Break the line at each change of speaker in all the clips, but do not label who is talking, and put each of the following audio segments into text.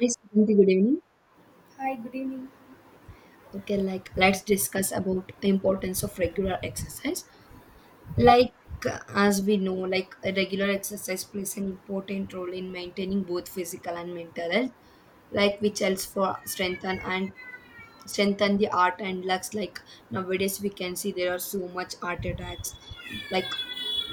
Hi, Suganti. Good evening.
Hi, good evening.
Okay, like let's discuss about the importance of regular exercise.
Okay.
Like as we know, like a regular exercise plays an important role in maintaining both physical and mental health. Like which helps for strengthen and strengthen the art and lux. Like nowadays, we can see there are so much art attacks. Like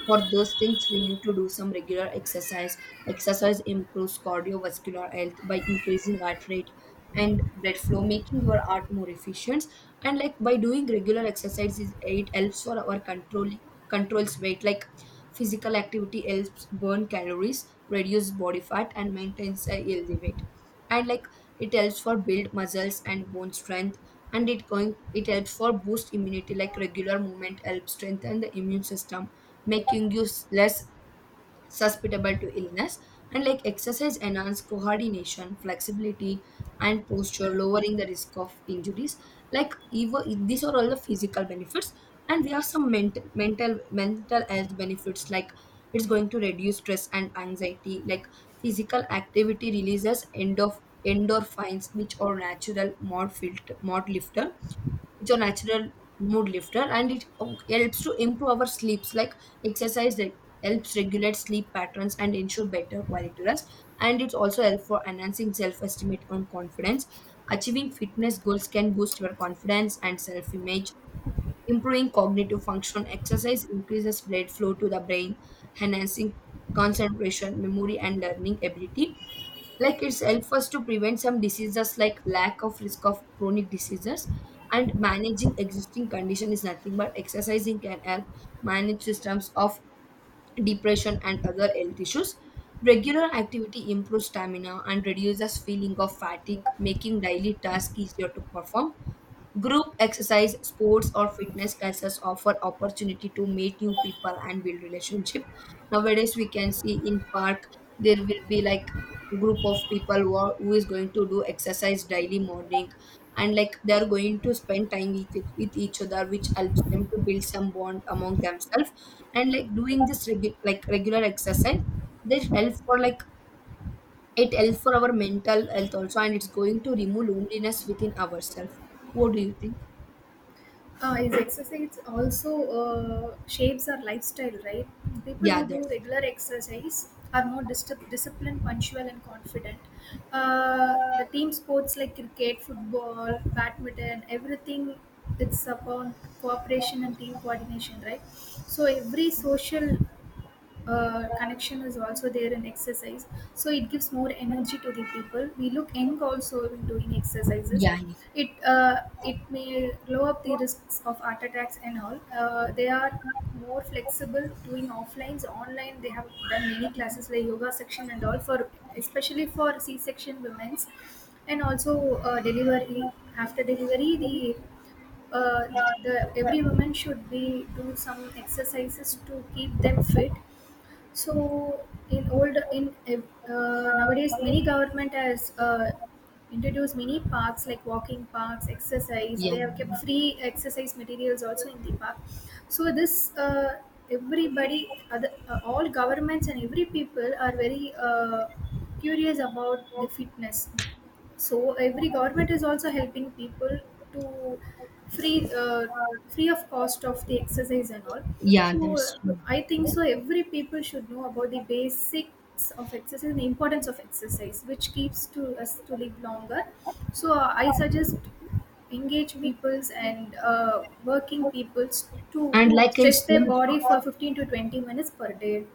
for those things we need to do some regular exercise. Exercise improves cardiovascular health by increasing heart rate and blood flow, making your heart more efficient. And like by doing regular exercises it helps for our controls weight, like physical activity helps burn calories, reduce body fat and maintains a healthy weight. And like it helps for build muscles and bone strength, and it helps for boost immunity, like regular movement helps strengthen the immune system, making you less susceptible to illness. And like exercise enhance coordination, flexibility, and posture, lowering the risk of injuries. Like even these are all the physical benefits, and there are some mental health benefits like it's going to reduce stress and anxiety. Like physical activity releases endorphins, which are natural mod filter mod lifter it's a natural mood lifter. And it helps to improve our sleeps, like exercise that helps regulate sleep patterns and ensure better quality rest. And it's also help for enhancing self-esteem and confidence, achieving fitness goals can boost your confidence and self-image, improving cognitive function. Exercise increases blood flow to the brain, enhancing concentration, memory and learning ability. Like it's help us to prevent some diseases, like lack of risk of chronic diseases, and managing existing condition is nothing but exercising can help manage systems of depression and other health issues. Regular activity improves stamina and reduces feeling of fatigue, making daily tasks easier to perform. Group exercise, sports, or fitness classes offer opportunity to meet new people and build relationship. Nowadays, we can see in park there will be like group of people who, are, who is going to do exercise daily morning, and like they are going to spend time with each other, which helps them to build some bond among themselves. And like doing this like regular exercise, this helps for like it helps for our mental health also, and it's going to remove loneliness within ourselves. What do you think?
Is exercise also shapes our lifestyle, right? People
Yeah,
who do
that's true.
regular exercise are more disciplined, punctual, and confident. The team sports like cricket, football, badminton, everything it's upon cooperation and team coordination, right? So every social connection is also there in exercise, so it gives more energy to the people. We look young also when doing exercises.
Yeah, yeah,
It may lower up the risks of heart attacks and all. They are more flexible, doing offlines online. They have done many classes like yoga section and all, for especially for c-section women's, and also delivery, after delivery uh, the every woman should be do some exercises to keep them fit. So in old in nowadays many government has introduced many parks like walking parks, exercise.
yeah,
They have kept free exercise materials also in the park. So this everybody, all governments and every people are very curious about the fitness, so every government is also helping people to free free of cost of the exercise and all.
yeah,
So
that's true.
I think so every people should know about the basics of exercise and the importance of exercise which keeps to us to live longer. So I suggest engage peoples and working peoples to
And like in
stretch their
schools,
body for 15 to 20 minutes per day.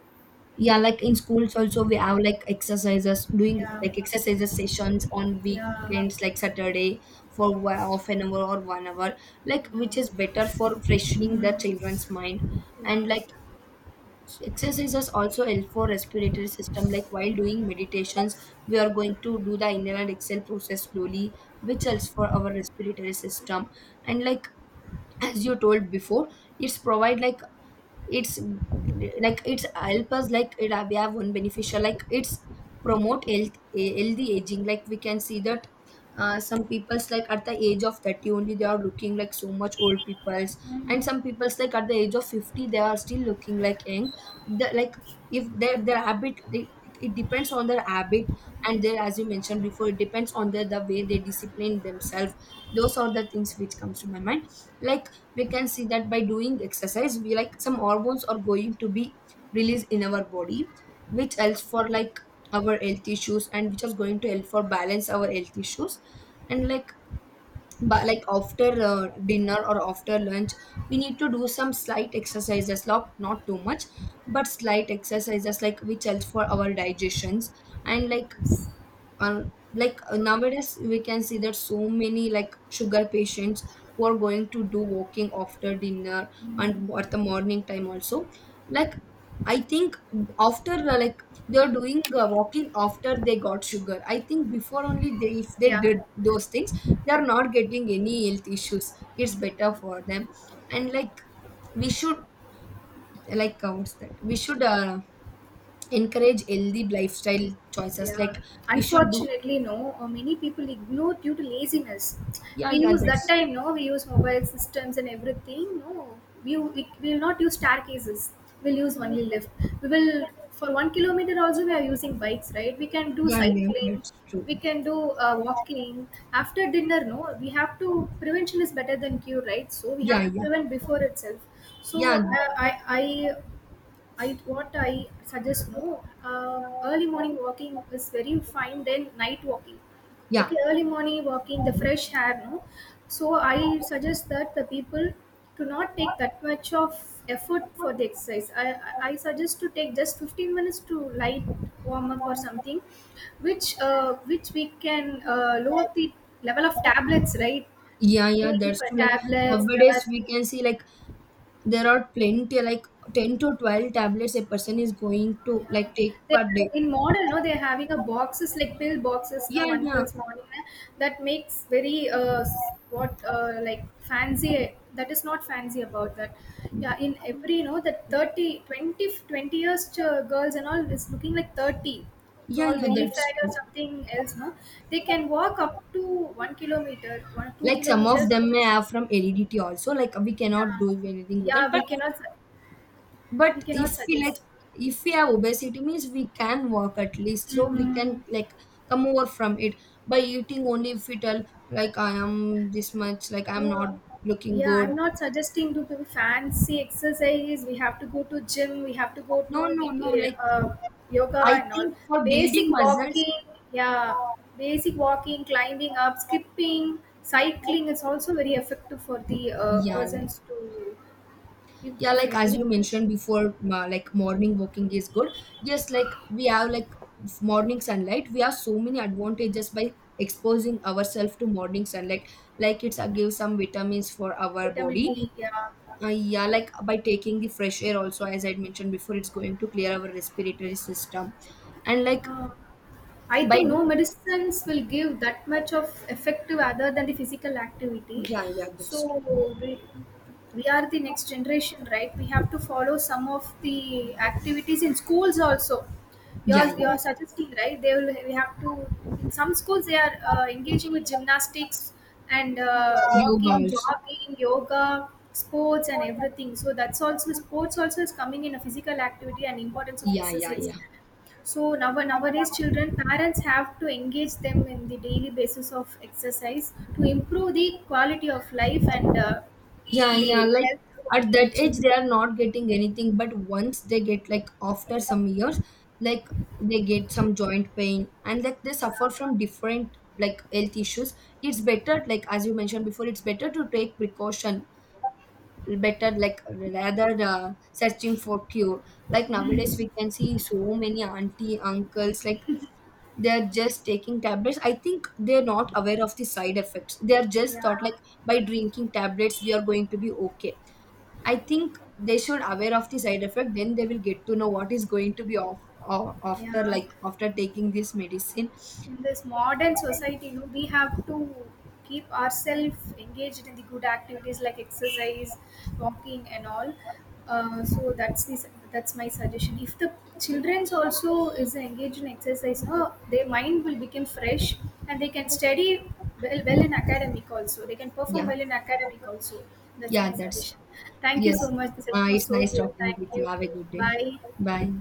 yeah, like in schools also we have like exercises, doing
Yeah,
like exercises sessions on
yeah,
weekends, like Saturday for half an hour or 1 hour, like
yeah.
which is better for freshening the children's
Mm,
mind.
yeah.
And like exercises also help for respiratory system. Like while doing meditations, we are going to do the inhale and exhale process slowly, which helps for our respiratory system. And like as you told before it's provide it's like it's help us like it we have one beneficial like it's promote health healthy aging. Like we can see that some people's like at the age of 30 only they are looking like so much old people's, and some people's like at the age of 50 they are still looking like young. The, like if their habit they, it depends on their habit and their, as you mentioned before, it depends on the way they discipline themselves. Those are the things which comes to my mind. Like we can see that by doing exercise we like some hormones are going to be released in our body, which helps for like our health issues and which is going to help for balance our health issues. And like but like after dinner or after lunch we need to do some slight exercises, not too much but slight exercises, like which helps for our digestions. And
Yes.
uh, like nowadays we can see that so many like sugar patients who are going to do walking after dinner and at the morning time also, like I think after like they're doing walking after they got sugar, I think before only they, if they
Yeah.
did those things they are not getting any health issues, it's better for them. And like we should like counts that we should encourage healthy lifestyle choices, like
Yeah,
we should do
unfortunately, no. Many people ignore due to laziness.
yeah
We
yeah
use that
that's
time, no? We use mobile systems and everything. No, we will not use staircases. We'll use only lift. We will for 1 kilometer also we are using bikes, right? We can do
yeah, yeah,
cycling.
that's true.
We can do walking after dinner. No, we have to, prevention is better than cure, right? So we
Yeah,
have to
yeah,
prevent before itself. So
yeah,
I what I suggest no, early morning walking is very fine than night walking.
yeah,
Okay, early morning walking, the fresh air, no. So I suggest that the people to not take that much of effort for the exercise. I suggest to take just 15 minutes to light warm up or something, which we can lower the level of tablets, right.
yeah,
Going
that's
for
true. Like
tablets
nowadays,
that,
we can see like there are plenty, like 10 to 12 tablets a person is going to
yeah.
like take
They,
per day.
in modern, no, they're having a boxes like pill boxes, no
Yeah,
one
yeah,
pills morning na, that makes very s- what like fancy, that is not fancy about that. Yeah, in every you know that 30 20, 20 years girls and all is looking like 30. It's
yeah,
all
yeah,
belly
that's
fat or
true.
something else, no? They can walk up to 1 kilometer, one two
Like some of
kilometers on
them may
just,
have from heredity also. Like we cannot
yeah.
do anything with that,
Yeah, we
but if
cannot
we like
suggest.
if we have obesity means we can walk at least, so we
Mm-hmm.
can like come over from it by eating only, if we tell like I am this much, like I'm not
Uh,
looking
yeah,
good.
I'm not suggesting to do fancy exercises. We have to go to gym. We have to go
no
to
no no
the
like
yoga
I
and all.
think for building
Basic
muscles
walking, yeah, basic walking, climbing up, skipping, cycling is also very effective for the
yeah like
persons to give
yeah,
if
like
it-
as
any
you mentioned before, like morning walking is good. Yes, like we have like morning sunlight, we have so many advantages by exposing ourselves to morning sunlight, like it's give some vitamins for our
vitamin
body.
D. Yeah,
Yeah, like by taking the fresh air also, as I had mentioned before, it's going to clear our respiratory system. And like
uh, I
by
think
do-
no medicines will give that much of effective other than the physical activity.
yeah, yeah, that's
So
true.
we, we are the next generation, right? We have to follow some of the activities in schools also.
Yeah,
You're,
yeah.
you're suggesting, right? They will. We have to. In some schools, they are engaging with gymnastics and
Yoga
walking,
also.
jogging, yoga, sports, and everything. So that's also, sports also is coming in a physical activity and importance of
Yeah, yeah,
exercise.
yeah.
So now nowadays, children, parents have to engage them in the daily basis of exercise to improve the quality of life and
Yeah, yeah.
the
Like
health for
at
the
that age,
children.
they are not getting anything, but once they get like after some years, like they get some joint pain and like they suffer
Yeah,
from different like health issues. It's better, like as you mentioned before, it's better to take precaution, better like rather searching for cure. Like nowadays we can see so many auntie uncles like they're just taking tablets, I think they're not aware of the side effects, they're just
yeah,
thought like by drinking tablets we are going to be okay. I think they should aware of the side effect, then they will get to know what is going to be off
yeah.
after like after taking this medicine.
In this modern society, you know, we have to keep ourselves engaged in the good activities like exercise, walking and all. So that's the, that's my suggestion, if the children's also is engaged in exercise no, their mind will become fresh and they can study well, well in academic also, they can perform
Yeah
well in academic also. That's
yeah
my
that's
suggestion. Thank you
yes.
so much, the session was
It's
so
nice
good.
talking
Thank
with you,
you.
have a good day.
Bye.
Bye.